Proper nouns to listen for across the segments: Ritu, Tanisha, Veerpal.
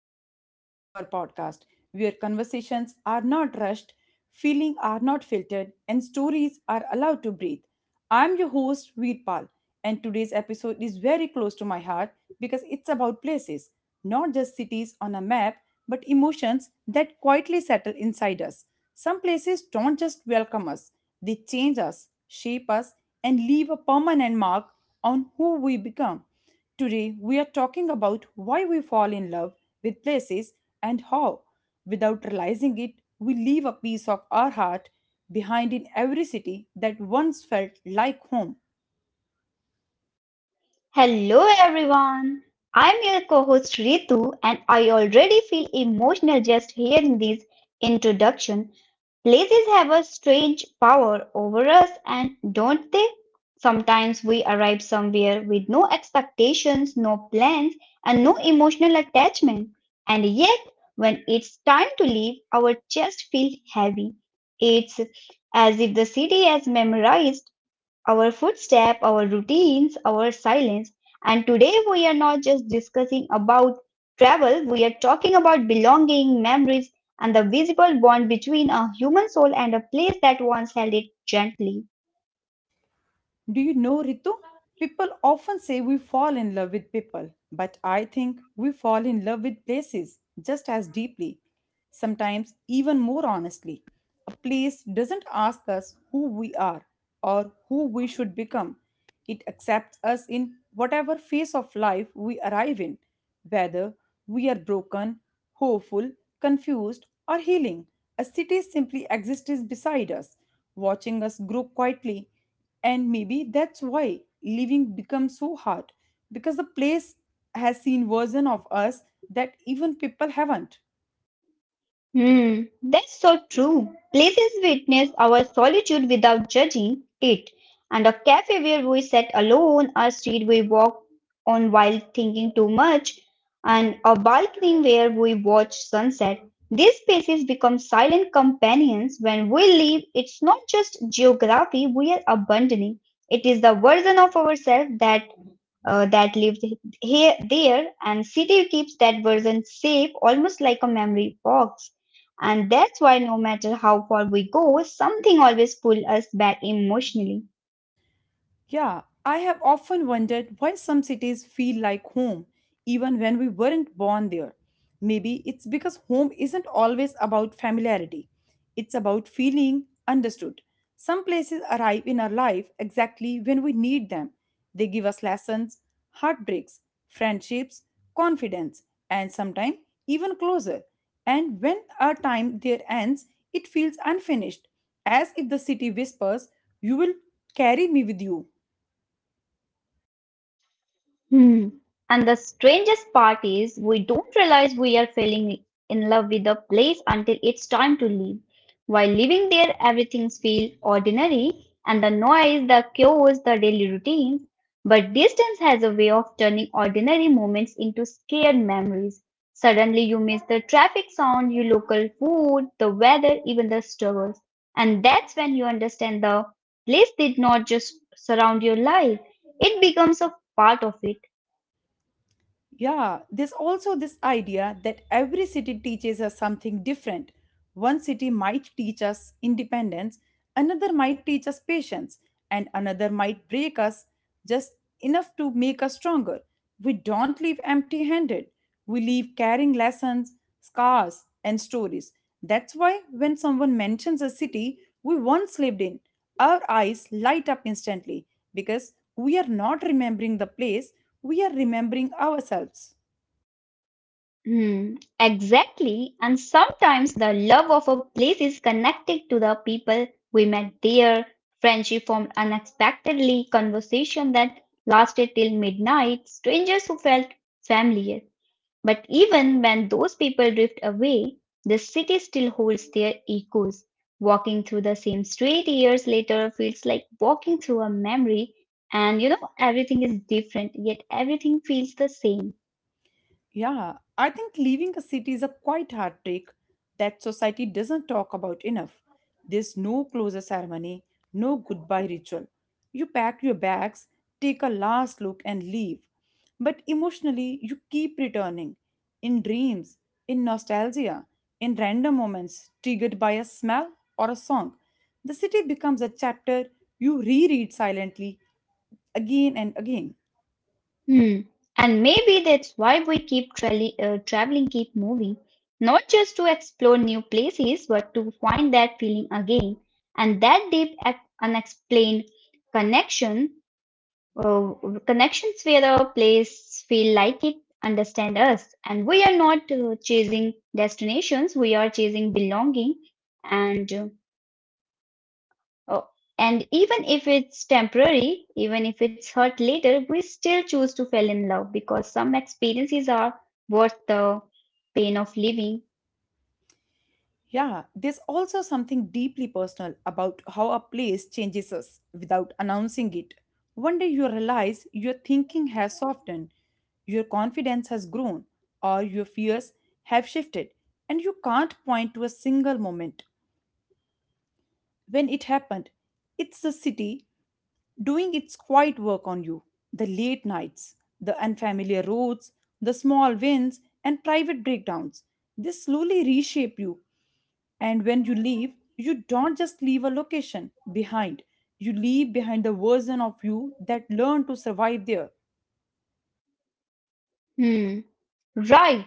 another episode of our podcast, where conversations are not rushed, feelings are not filtered, and stories are allowed to breathe. I'm your host, Veerpal, and today's episode is very close to my heart because it's about places, not just cities on a map, but emotions that quietly settle inside us. Some places don't just welcome us, they change us, shape us, and leave a permanent mark on who we become. Today, we are talking about why we fall in love with places and how, without realizing it, we leave a piece of our heart behind in every city that once felt like home. Hello everyone. I'm your co-host Ritu and I already feel emotional just hearing this introduction. Places have a strange power over us and don't they? Sometimes we arrive somewhere with no expectations, no plans and no emotional attachment. And yet when it's time to leave, our chest feels heavy. It's as if the city has memorized our footstep, our routines, our silence. And today we are not just discussing about travel, we are talking about belonging, memories, and the visible bond between a human soul and a place that once held it gently. Do you know, Ritu? People often say we fall in love with people, but I think we fall in love with places just as deeply, sometimes even more honestly. A place doesn't ask us who we are or who we should become, it accepts us in whatever phase of life we arrive in, whether we are broken, hopeful, confused, or healing. A city simply exists beside us, watching us grow quietly, and maybe that's why living becomes so hard because the place has seen version of us that even people haven't. Hmm, that's so true. Places witness our solitude without judging it. And a cafe where we sat alone, a street we walked on while thinking too much, and a balcony where we watch sunset. These spaces become silent companions. When we leave, it's not just geography we are abandoning. It is the version of ourselves that that lived here there and city keeps that version safe almost like a memory box and that's why no matter how far we go something always pulls us back emotionally. Yeah, I have often wondered why some cities feel like home, even when we weren't born there. Maybe it's because home isn't always about familiarity, it's about feeling understood. Some places arrive in our life exactly when we need them. They give us lessons, heartbreaks, friendships, confidence, and sometimes even closer. And when our time there ends, it feels unfinished, as if the city whispers, "You will carry me with you." Hmm. And the strangest part is, we don't realize we are falling in love with a place until it's time to leave. While living there, everything feels ordinary and the noise, the chaos, the daily routines. But distance has a way of turning ordinary moments into scared memories. Suddenly, you miss the traffic sound, your local food, the weather, even the struggles. And that's when you understand the place did not just surround your life, it becomes a part of it. Yeah, there's also this idea that every city teaches us something different. One city might teach us independence, another might teach us patience, and another might break us just enough to make us stronger. We don't leave empty handed, we leave carrying lessons, scars, and stories. That's why when someone mentions a city we once lived in, our eyes light up instantly because we are not remembering the place, we are remembering ourselves. Hmm, exactly. And sometimes the love of a place is connected to the people we met there. Friendship formed unexpectedly, conversation that lasted till midnight, strangers who felt familiar. But even when those people drift away, the city still holds their echoes. Walking through the same street years later feels like walking through a memory, and you know, everything is different, yet everything feels the same. Yeah, I think leaving a city is a quite heartbreak that society doesn't talk about enough. There's no closure ceremony, no goodbye ritual. You pack your bags, take a last look, and leave. But emotionally, you keep returning in dreams, in nostalgia, in random moments triggered by a smell or a song. The city becomes a chapter you reread silently again and again. Hmm. And maybe that's why we keep traveling, keep moving, not just to explore new places, but to find that feeling again. And that deep, unexplained connection, uh, connections where a place feel like it understand us. And we are not chasing destinations, we are chasing belonging. And uh, Oh, and even if it's temporary, even if it's hurt later, we still choose to fall in love because some experiences are worth the pain of living. Yeah, there's also something deeply personal about how a place changes us without announcing it. One day you realize your thinking has softened, your confidence has grown, or your fears have shifted, and you can't point to a single moment when it happened. It's the city doing its quiet work on you, the late nights, the unfamiliar roads, the small wins, and private breakdowns. They slowly reshape you. And when you leave, you don't just leave a location behind, you leave behind the version of you that learned to survive there. Hmm. Right.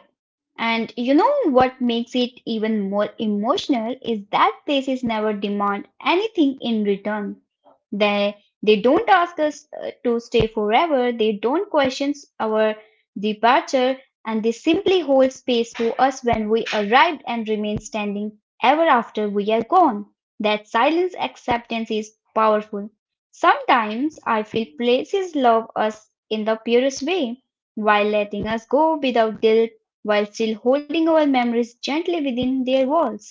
And you know what makes it even more emotional is that places never demand anything in return. They they don't ask us to stay forever. They don't question our departure, and they simply hold space for us when we arrived and remain standing ever after we are gone. That silence acceptance is powerful. Sometimes I feel places love us in the purest way while letting us go without guilt, while still holding our memories gently within their walls.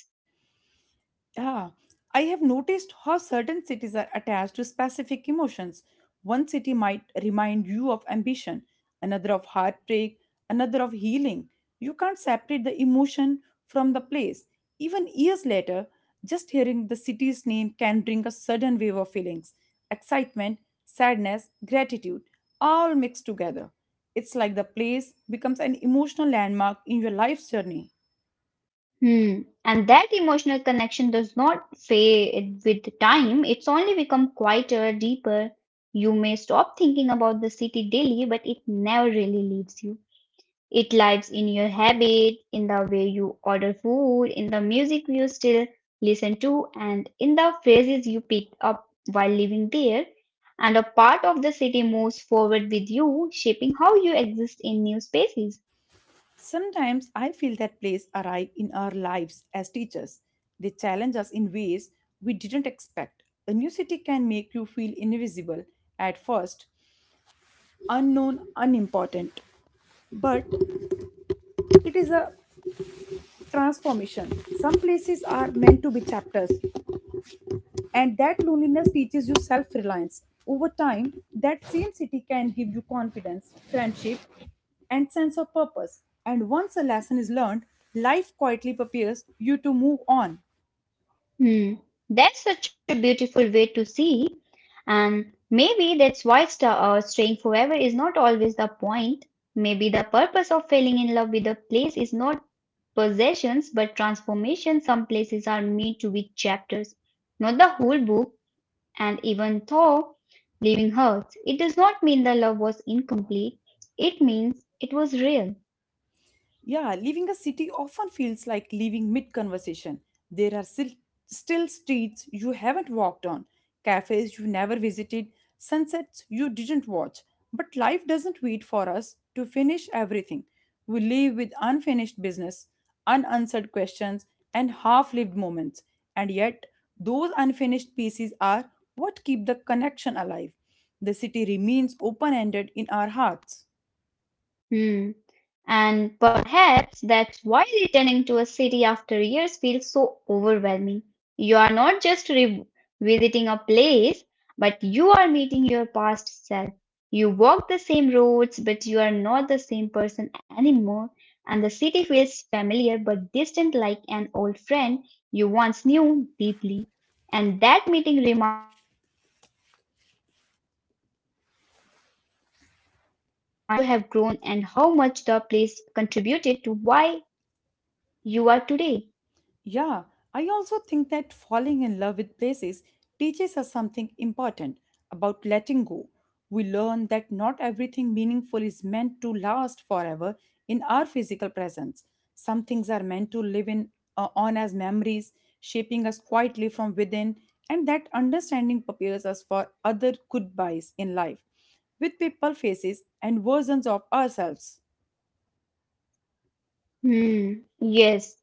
Yeah, I have noticed how certain cities are attached to specific emotions. One city might remind you of ambition, another of heartbreak, another of healing. You can't separate the emotion from the place. Even years later, just hearing the city's name can bring a sudden wave of feelings, excitement, sadness, gratitude, all mixed together. It's like the place becomes an emotional landmark in your life's journey. Hmm. And that emotional connection does not fade with time, it's only become quieter, deeper. You may stop thinking about the city daily, but it never really leaves you. It lives in your habit, in the way you order food, in the music you still listen to, and in the phrases you pick up while living there. And a part of the city moves forward with you, shaping how you exist in new spaces. Sometimes I feel that plays arrive in our lives as teachers. They challenge us in ways we didn't expect. A new city can make you feel invisible at first, unknown, unimportant. But it is a transformation. Some places are meant to be chapters, and that loneliness teaches you self reliance. Over time, that same city can give you confidence, friendship, and sense of purpose. And once a lesson is learned, life quietly prepares you to move on. Hmm. That's such a beautiful way to see. And maybe that's why staying forever is not always the point. Maybe the purpose of falling in love with a place is not possessions but transformation. Some places are meant to be chapters, not the whole book. And even though leaving hurts, it does not mean the love was incomplete. It means it was real. Yeah, leaving a city often feels like leaving mid conversation. There are still streets you haven't walked on, cafes you never visited, sunsets you didn't watch. But life doesn't wait for us to finish everything. We leave with unfinished business, unanswered questions, and half lived moments. And yet, those unfinished pieces are what keep the connection alive. The city remains open ended in our hearts. Hmm. And perhaps that's why returning to a city after years feels so overwhelming. You are not just revisiting a place, but you are meeting your past self. You walk the same roads, but you are not the same person anymore. And the city feels familiar but distant, like an old friend you once knew deeply. And that meeting reminds you that how much you have grown and how much the place contributed to why you are today. Yeah, I also think that falling in love with places teaches us something important about letting go. We learn that not everything meaningful is meant to last forever in our physical presence. Some things are meant to live in on as memories, shaping us quietly from within, and that understanding prepares us for other goodbyes in life with people faces and versions of ourselves. Hmm, yes,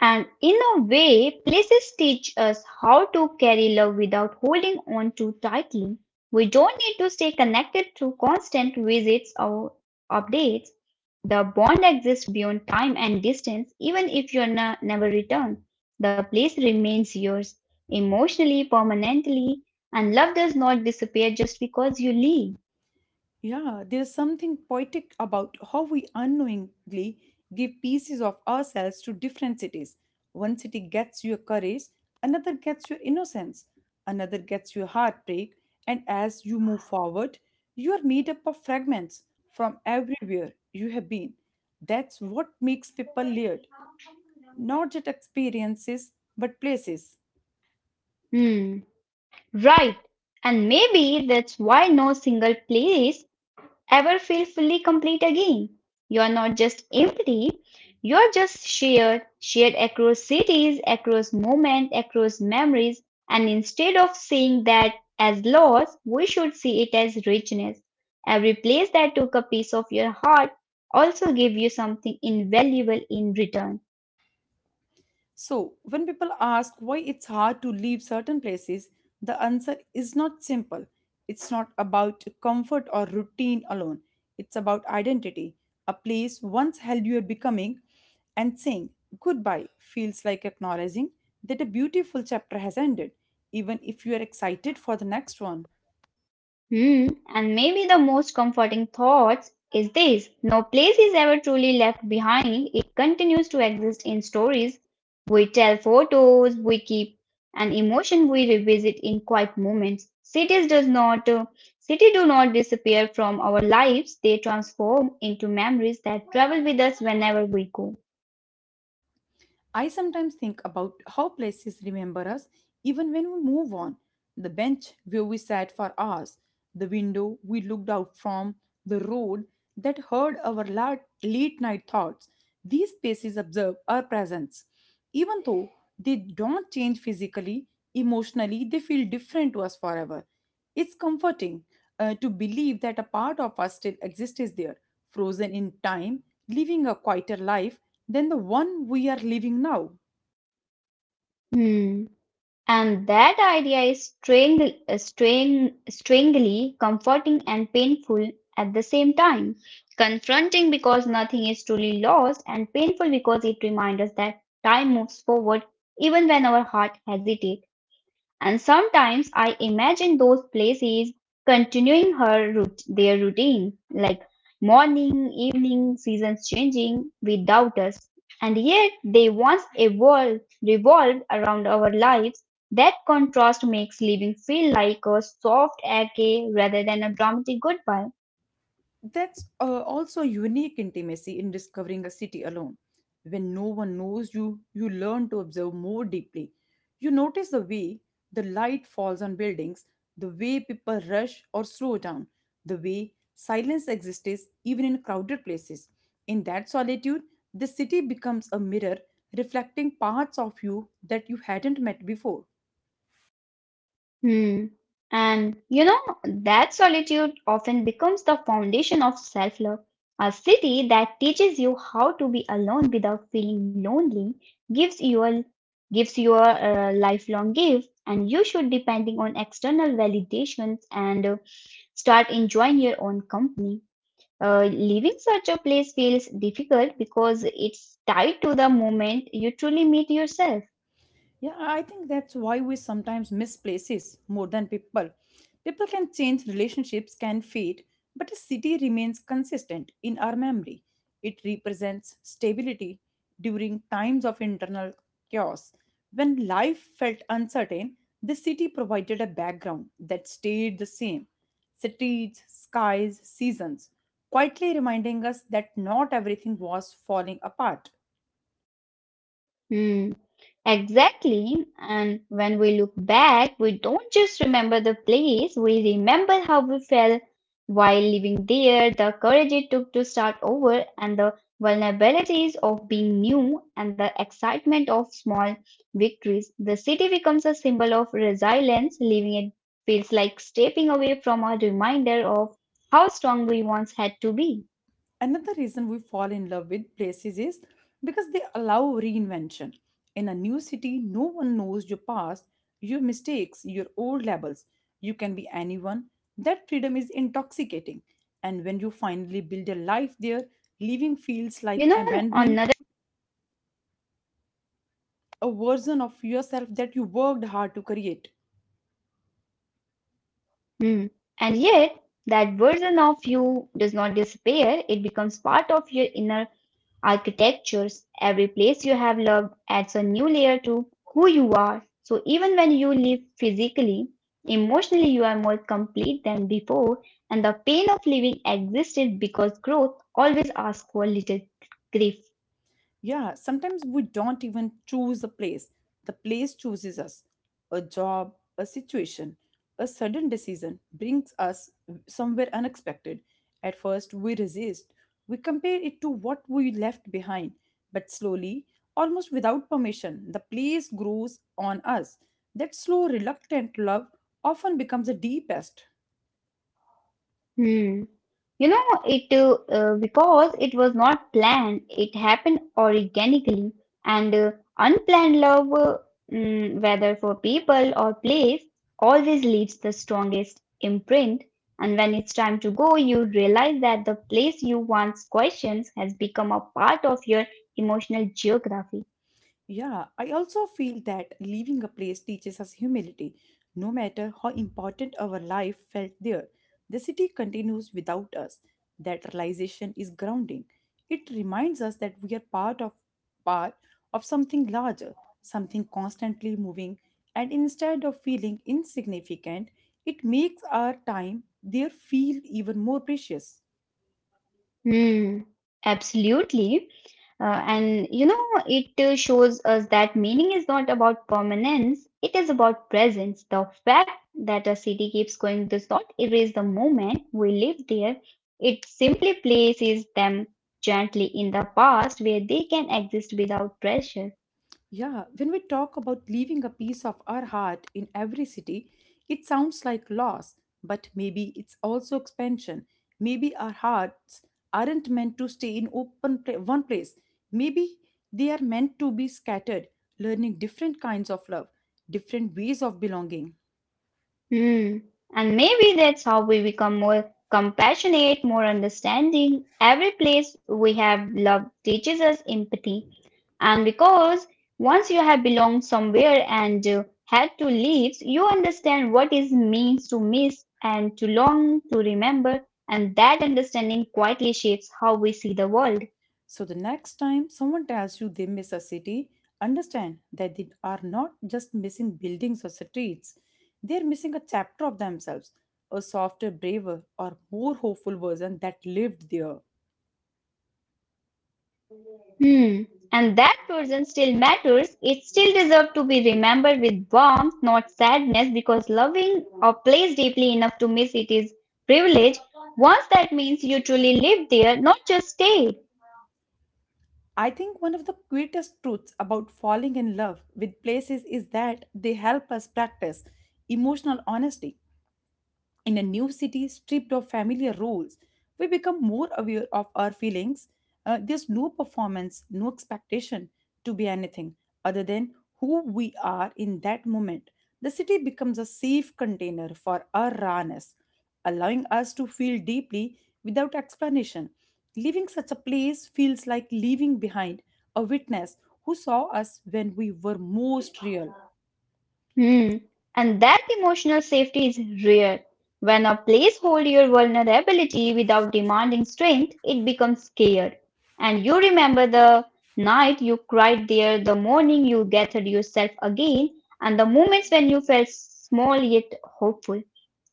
and in a way, places teach us how to carry love without holding on too tightly. We don't need to stay connected through constant visits or updates. The bond exists beyond time and distance, even if you never return. The place remains yours, emotionally, permanently, and love does not disappear just because you leave. Yeah, there's something poetic about how we unknowingly give pieces of ourselves to different cities. One city gets your courage, another gets your innocence, another gets your heartbreak, and as you move forward, you are made up of fragments from everywhere you have been. That's what makes people layered, not just experiences, but places. Hmm. Right. And maybe that's why no single place ever feel fully complete again. You're not just empty, you're just shared, shared across cities, across moments, across memories. And instead of seeing that as loss, we should see it as richness. Every place that took a piece of your heart also gave you something invaluable in return. So, when people ask why it's hard to leave certain places, the answer is not simple. It's not about comfort or routine alone, it's about identity. A place once held your becoming, and saying goodbye feels like acknowledging that a beautiful chapter has ended, even if you are excited for the next one. Hmm. And maybe the most comforting thoughts is this no place is ever truly left behind. It continues to exist in stories. We tell photos, we keep and emotion we revisit in quiet moments. Cities does not city do not disappear from our lives. They transform into memories that travel with us whenever we go. I sometimes think about how places remember us even when we move on. The bench where we sat for hours, the window we looked out from, the road that heard our late night thoughts. These spaces observe our presence. Even though they don't change physically, emotionally, they feel different to us forever. It's comforting to believe that a part of us still exists is there, frozen in time, living a quieter life than the one we are living now. Hmm. And that idea is strangely comforting and painful at the same time. Confronting because nothing is truly lost, and painful because it reminds us that time moves forward even when our heart hesitates. And sometimes I imagine those places continuing her route, their routine, like morning, evening, seasons changing without us. And yet they once evolved, revolved around our lives. That contrast makes living feel like a soft ache rather than a dramatic goodbye. That's also a unique intimacy in discovering a city alone. When no one knows you, you learn to observe more deeply. You notice the way the light falls on buildings, the way people rush or slow down, the way silence exists even in crowded places. In that solitude, the city becomes a mirror reflecting parts of you that you hadn't met before. Hmm. And you know, that solitude often becomes the foundation of self love. A city that teaches you how to be alone without feeling lonely gives you gives your lifelong gift, and you should, depending on external validations and start enjoying your own company. Leaving such a place feels difficult because it's tied to the moment you truly meet yourself. Yeah, I think that's why we sometimes miss places more than people. People can change, relationships can fade, but a city remains consistent in our memory. It represents stability during times of internal chaos. When life felt uncertain, the city provided a background that stayed the same. Streets, skies, seasons, quietly reminding us that not everything was falling apart. Hmm. Exactly. And when we look back, we don't just remember the place, we remember how we felt while living there, the courage it took to start over, and the vulnerabilities of being new, and the excitement of small victories. The city becomes a symbol of resilience. Leaving it feels like stepping away from a reminder of how strong we once had to be. Another reason we fall in love with places is because they allow reinvention. In a new city, no one knows your past, your mistakes, your old labels. You can be anyone. That freedom is We fell in intoxicating. love with And when places. you finally build a life there, leaving feels like abandoning a version of yourself that you worked hard to create. Hmm. And yet, that version of you does not disappear. It becomes part of your inner architectures. Every place you have loved adds a new layer to who you are. So even when you leave physically, emotionally you are more complete than before, and the pain of leaving existed because growth always asks for little grief. Yeah, sometimes we don't even choose a place. The place chooses us. A job, a situation, a sudden decision brings us somewhere unexpected. At first, we resist. We compare it to what we left behind. But slowly, almost without permission, the place grows on us. That slow, reluctant love often becomes the deepest. Hmm. You know, it because it was not planned, it happened organically, and unplanned love, whether for people or place, always leaves the strongest imprint. And when it's time to go, you realize that the place you once questioned has become a part of your emotional geography. Yeah, I also feel that leaving a place teaches us humility, no matter how important our life felt there. The city continues without us. That realization is grounding. It reminds us that we are part of something larger, something constantly moving, and instead of feeling insignificant, it makes our time there feel even more precious. Hmm, absolutely. And you know, it shows us that meaning is not about permanence, it is about presence. The fact that a city keeps going does not erase the moment we live there, it simply places them gently in the past where they can exist without pressure. Yeah, when we talk about leaving a piece of our heart in every city, it sounds like loss, but maybe it's also expansion. Maybe our hearts aren't meant to stay in one place. Maybe they are meant to be scattered, learning different kinds of love, different ways of belonging. Mm. And maybe that's how we become more compassionate, more understanding. Every place we have loved teaches us empathy. And because once you have belonged somewhere and had to leave, you understand what it means to miss and to long, to remember. And that understanding quietly shapes how we see the world. So the next time someone tells you they miss a city, understand that they are not just missing buildings or streets. They are missing a chapter of themselves, a softer, braver, or more hopeful version that lived there. Hmm. And that person still matters. It still deserves to be remembered with warmth, not sadness, because loving a place deeply enough to miss it is privilege. Once that means you truly live there, not just stay. I think one of the greatest truths about falling in love with places is that they help us practice emotional honesty. In a new city stripped of familiar rules, we become more aware of our feelings. There's no performance, no expectation to be anything other than who we are in that moment. The city becomes a safe container for our rawness, allowing us to feel deeply without explanation. Leaving such a place feels like leaving behind a witness who saw us when we were most real. Hmm. And that emotional safety is rare. When a place holds your vulnerability without demanding strength, it becomes scared. And you remember the night you cried there, the morning you gathered yourself again, and the moments when you felt small yet hopeful.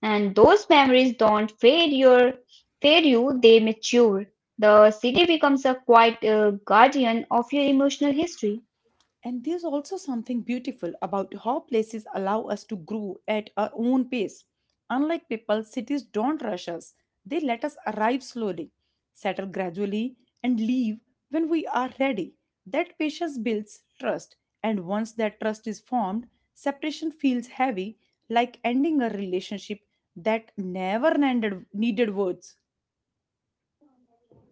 And those memories don't fade you, they mature. The city becomes a quiet guardian of your emotional history. And there's also something beautiful about how places allow us to grow at our own pace. Unlike people, cities don't rush us, they let us arrive slowly, settle gradually, and leave when we are ready. That patience builds trust, and once that trust is formed, separation feels heavy, like ending a relationship that never ended, needed words.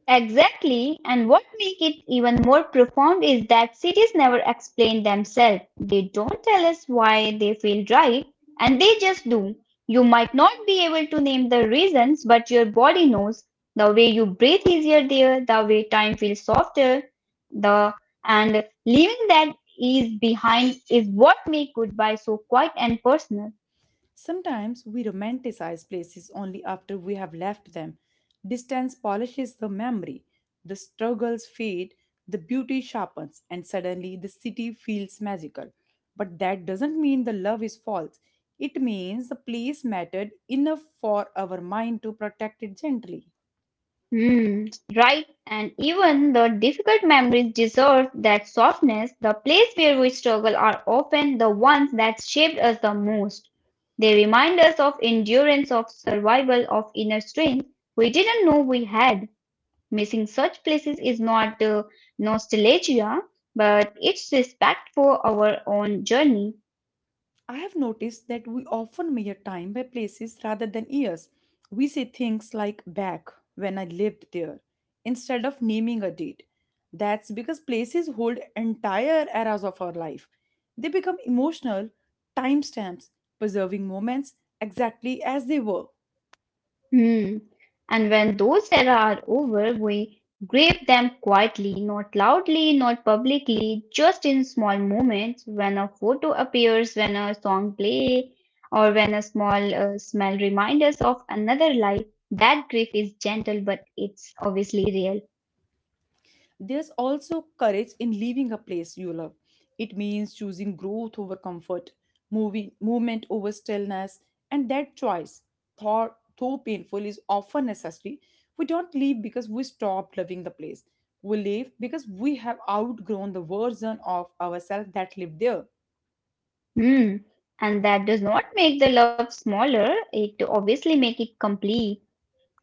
Exactly, and what makes it even more profound is that cities never explain themselves. They don't tell us why they feel right, and they just do. You might not be able to name the reasons, but your body knows. The way you breathe easier there, the way time feels softer, the and leaving that ease behind is what makes goodbye so quiet and personal. Sometimes we romanticize places only after we have left them. Distance polishes the memory, the struggles fade, the beauty sharpens, and suddenly the city feels magical. But that doesn't mean the love is false. It means the place mattered enough for our mind to protect it gently. Hmm. Right, and even the difficult memories deserve that softness. The place where we struggle are often the ones that shaped us the most. They remind us of endurance, of survival, of inner strength we didn't know we had. Missing such places is not nostalgia, but it's respect for our own journey. I have noticed that we often measure time by places rather than years. We say things like back when I lived there instead of naming a date. That's because places hold entire eras of our life. They become emotional timestamps, preserving moments exactly as they were. Hmm. And when those era are over, we grieve them quietly, not loudly, not publicly, just in small moments when a photo appears, when a song play, or when a small smell reminds us of another life. That grief is gentle, but it's obviously real. There's also courage in leaving a place you love. It means choosing growth over comfort, moving, movement over stillness, and that choice, thought, though painful, is often necessary. We don't leave because we stop loving the place. We leave because we have outgrown the version of ourselves that lived there. Hmm. And that does not make the love smaller. It obviously make it complete.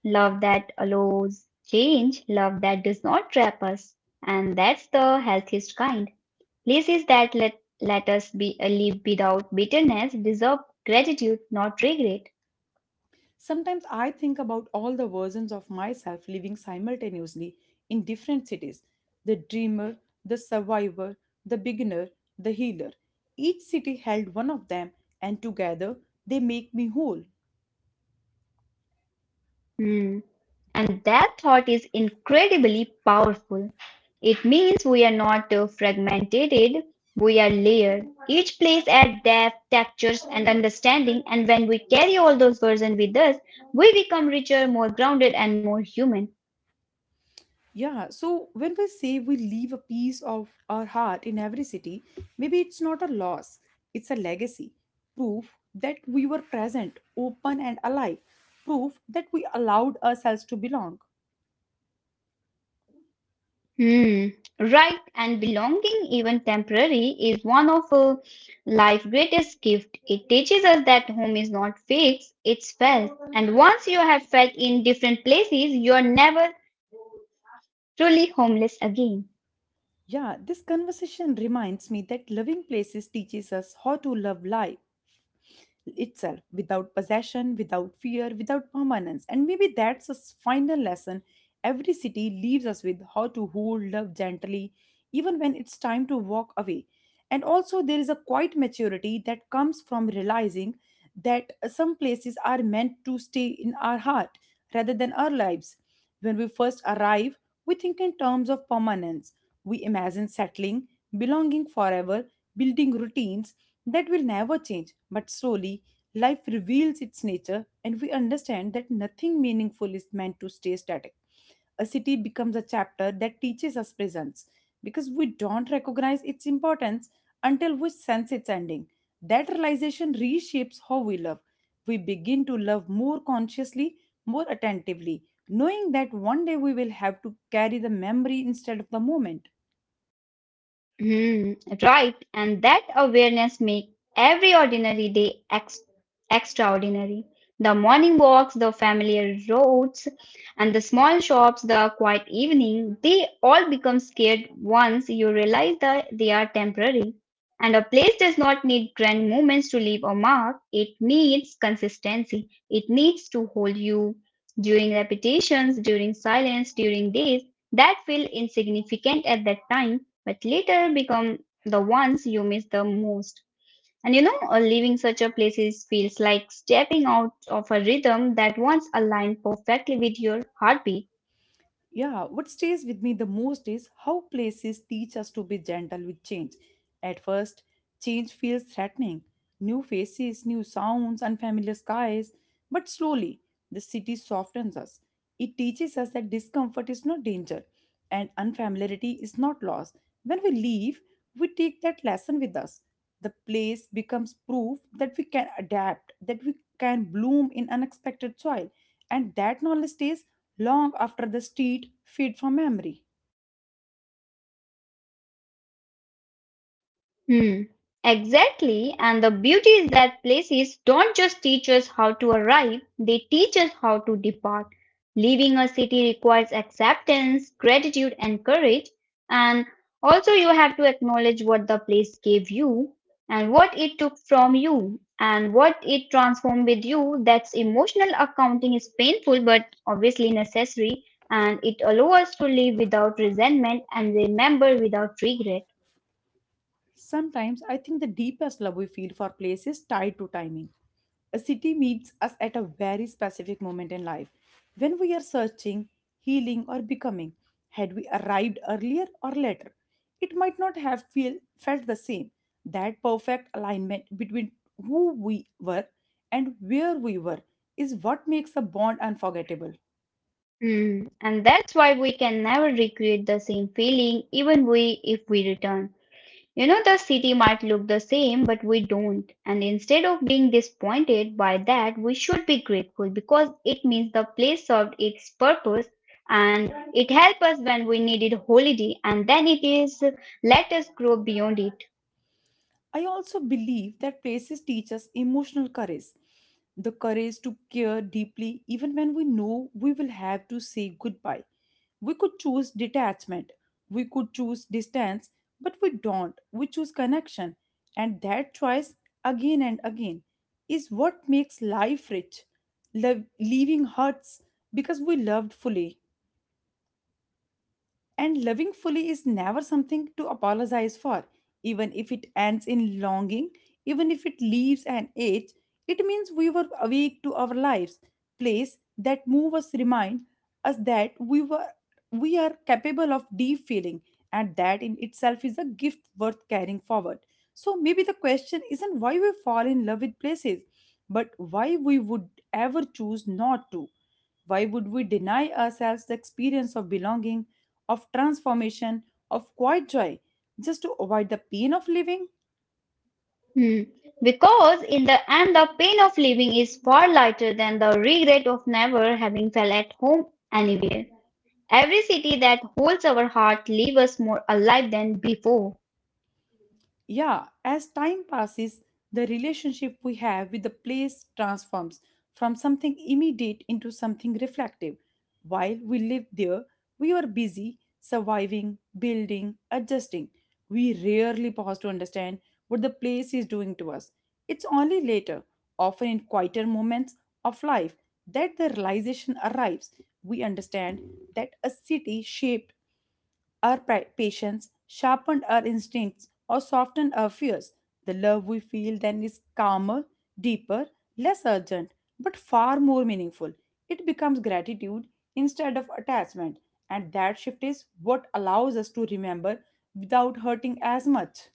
Love that allows change, love that does not trap us. And that's the healthiest kind. Places that let us be live without bitterness deserve gratitude, not regret. Sometimes I think about all the versions of myself living simultaneously in different cities: the dreamer, the survivor, the beginner, the healer. Each city held one of them, and together they make me whole. Hmm. And that thought is incredibly powerful. It means we are not fragmented, we are layered. Each place adds depth, textures, and understanding, and when we carry all those versions with us, we become richer, more grounded, and more human. Yeah, so when we say we leave a piece of our heart in every city, maybe it's not a loss, it's a legacy. Proof that we were present, open, and alive. Proof that we allowed ourselves to belong. Hmm. Right, and belonging, even temporary, is one of life's greatest gift. It teaches us that home is not fixed, it's felt. And once you have felt in different places, you are never truly homeless again. Yeah, this conversation reminds me that loving places teaches us how to love life itself without possession, without fear, without permanence. And maybe that's a final lesson every city leaves us with: how to hold love gently, even when it's time to walk away. And also, there is a quiet maturity that comes from realizing that some places are meant to stay in our heart rather than our lives. When we first arrive, we think in terms of permanence. We imagine settling, belonging forever, building routines that will never change, but slowly life reveals its nature and we understand that nothing meaningful is meant to stay static. A city becomes a chapter that teaches us presence because we don't recognize its importance until we sense its ending. That realization reshapes how we love. We begin to love more consciously, more attentively, knowing that one day we will have to carry the memory instead of the moment. Hmm, right, and that awareness makes every ordinary day extraordinary. The morning walks, the familiar roads, and the small shops, the quiet evening, they all become scared once you realize that they are temporary. And a place does not need grand moments to leave a mark, it needs consistency. It needs to hold you during repetitions, during silence, during days that feel insignificant at that time but later become the ones you miss the most. And leaving such a place is, feels like stepping out of a rhythm that once aligned perfectly with your heartbeat. Yeah, what stays with me the most is how places teach us to be gentle with change. At first, change feels threatening. New faces, new sounds, unfamiliar skies. But slowly, the city softens us. It teaches us that discomfort is not danger and unfamiliarity is not loss. When we leave, we take that lesson with us. The place becomes proof that we can adapt, that we can bloom in unexpected soil, and that knowledge stays long after the street fades from memory. Hmm. Exactly. And the beauty is that places don't just teach us how to arrive, they teach us how to depart. Leaving a city requires acceptance, gratitude, and courage. And also, you have to acknowledge what the place gave you and what it took from you and what it transformed with you. That's emotional accounting is painful but obviously necessary. And it allows us to live without resentment and remember without regret. Sometimes I think the deepest love we feel for place is tied to timing. A city meets us at a very specific moment in life when we are searching, healing, or becoming. Had we arrived earlier or later, it might not have felt the same. That perfect alignment between who we were and where we were is what makes a bond unforgettable. Hmm, and that's why we can never recreate the same feeling, even we if we return. You know, the city might look the same, but we don't. And instead of being disappointed by that, we should be grateful because it means the place served its purpose and it helped us when we needed holiday, and then it is let us grow beyond it. I also believe that places teach us emotional courage. The courage to care deeply, even when we know we will have to say goodbye. We could choose detachment, we could choose distance, but we don't. We choose connection. And that choice, again and again, is what makes life rich. Love, leaving hurts because we loved fully. And loving fully is never something to apologize for. Even if it ends in longing, even if it leaves an age, it means we were awake to our lives. Place that move us remind us that we are capable of deep feeling, and that in itself is a gift worth carrying forward. So maybe the question isn't why we fall in love with places, but why we would ever choose not to. Why would we deny ourselves the experience of belonging, of transformation, of quiet joy, just to avoid the pain of living? Hmm. Because in the end, the pain of leaving is far lighter than the regret of never having felt at home anywhere. Every city that holds our heart leaves us more alive than before. Yeah, as time passes, the relationship we have with the place transforms from something immediate into something reflective. While we lived there, we were busy surviving, building, adjusting. We rarely pause to understand what the place is doing to us. It's only later, often in quieter moments of life, that the realization arrives. We understand that a city shaped our patience, sharpened our instincts, or softened our fears. The love we feel then is calmer, deeper, less urgent, but far more meaningful. It becomes gratitude instead of attachment, and that shift is what allows us to remember without hurting as much.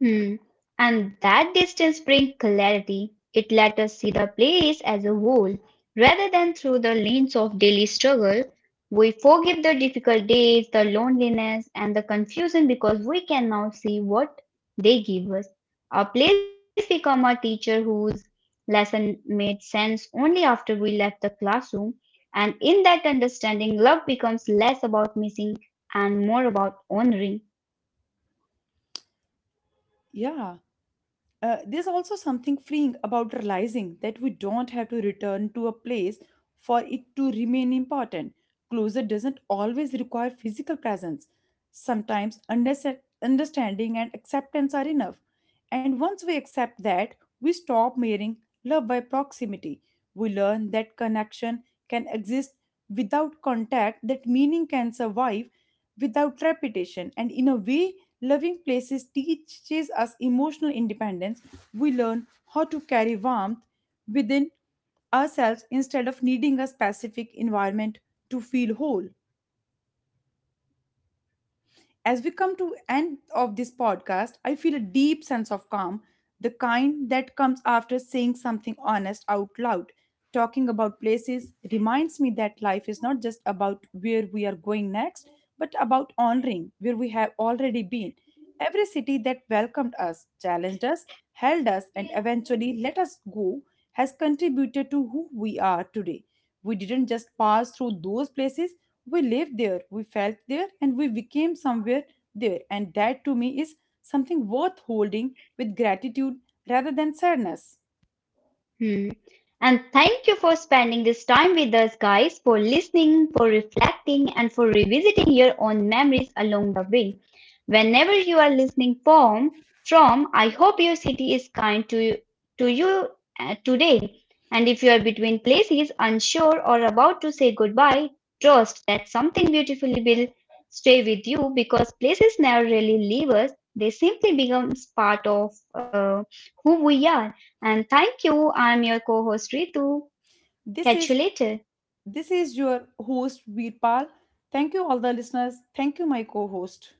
Hmm. And that distance brings clarity. It lets us see the place as a whole, rather than through the lens of daily struggle. We forgive the difficult days, the loneliness, and the confusion because we can now see what they give us. Our place become a teacher whose lesson made sense only after we left the classroom. And in that understanding, love becomes less about missing and more about honoring. Yeah. There's also something freeing about realizing that we don't have to return to a place for it to remain important. Closure doesn't always require physical presence. Sometimes understanding and acceptance are enough. And once we accept that, we stop mirroring love by proximity. We learn that connection can exist without contact, that meaning can survive without repetition. And in a way, loving places teaches us emotional independence. We learn how to carry warmth within ourselves instead of needing a specific environment to feel whole. As we come to end of this podcast, I feel a deep sense of calm, the kind that comes after saying something honest out loud. Talking about places reminds me that life is not just about where we are going next, but about honoring where we have already been. Every city that welcomed us, challenged us, held us, and eventually let us go has contributed to who we are today. We didn't just pass through those places, we lived there, we felt there, and we became somewhere there. And that, to me, is something worth holding with gratitude rather than sadness. Hmm. And thank you for spending this time with us, guys, for listening, for reflecting, and for revisiting your own memories along the way. Whenever you are listening from I hope your city is kind to you today. And if you are between places, unsure, or about to say goodbye, trust that something beautifully will stay with you because places never really leave us, they simply become part of who we are. And thank you. I'm your co host Ritu. This Catch you is later. this is your host Veerpal. Thank you all the listeners. Thank you my co-host.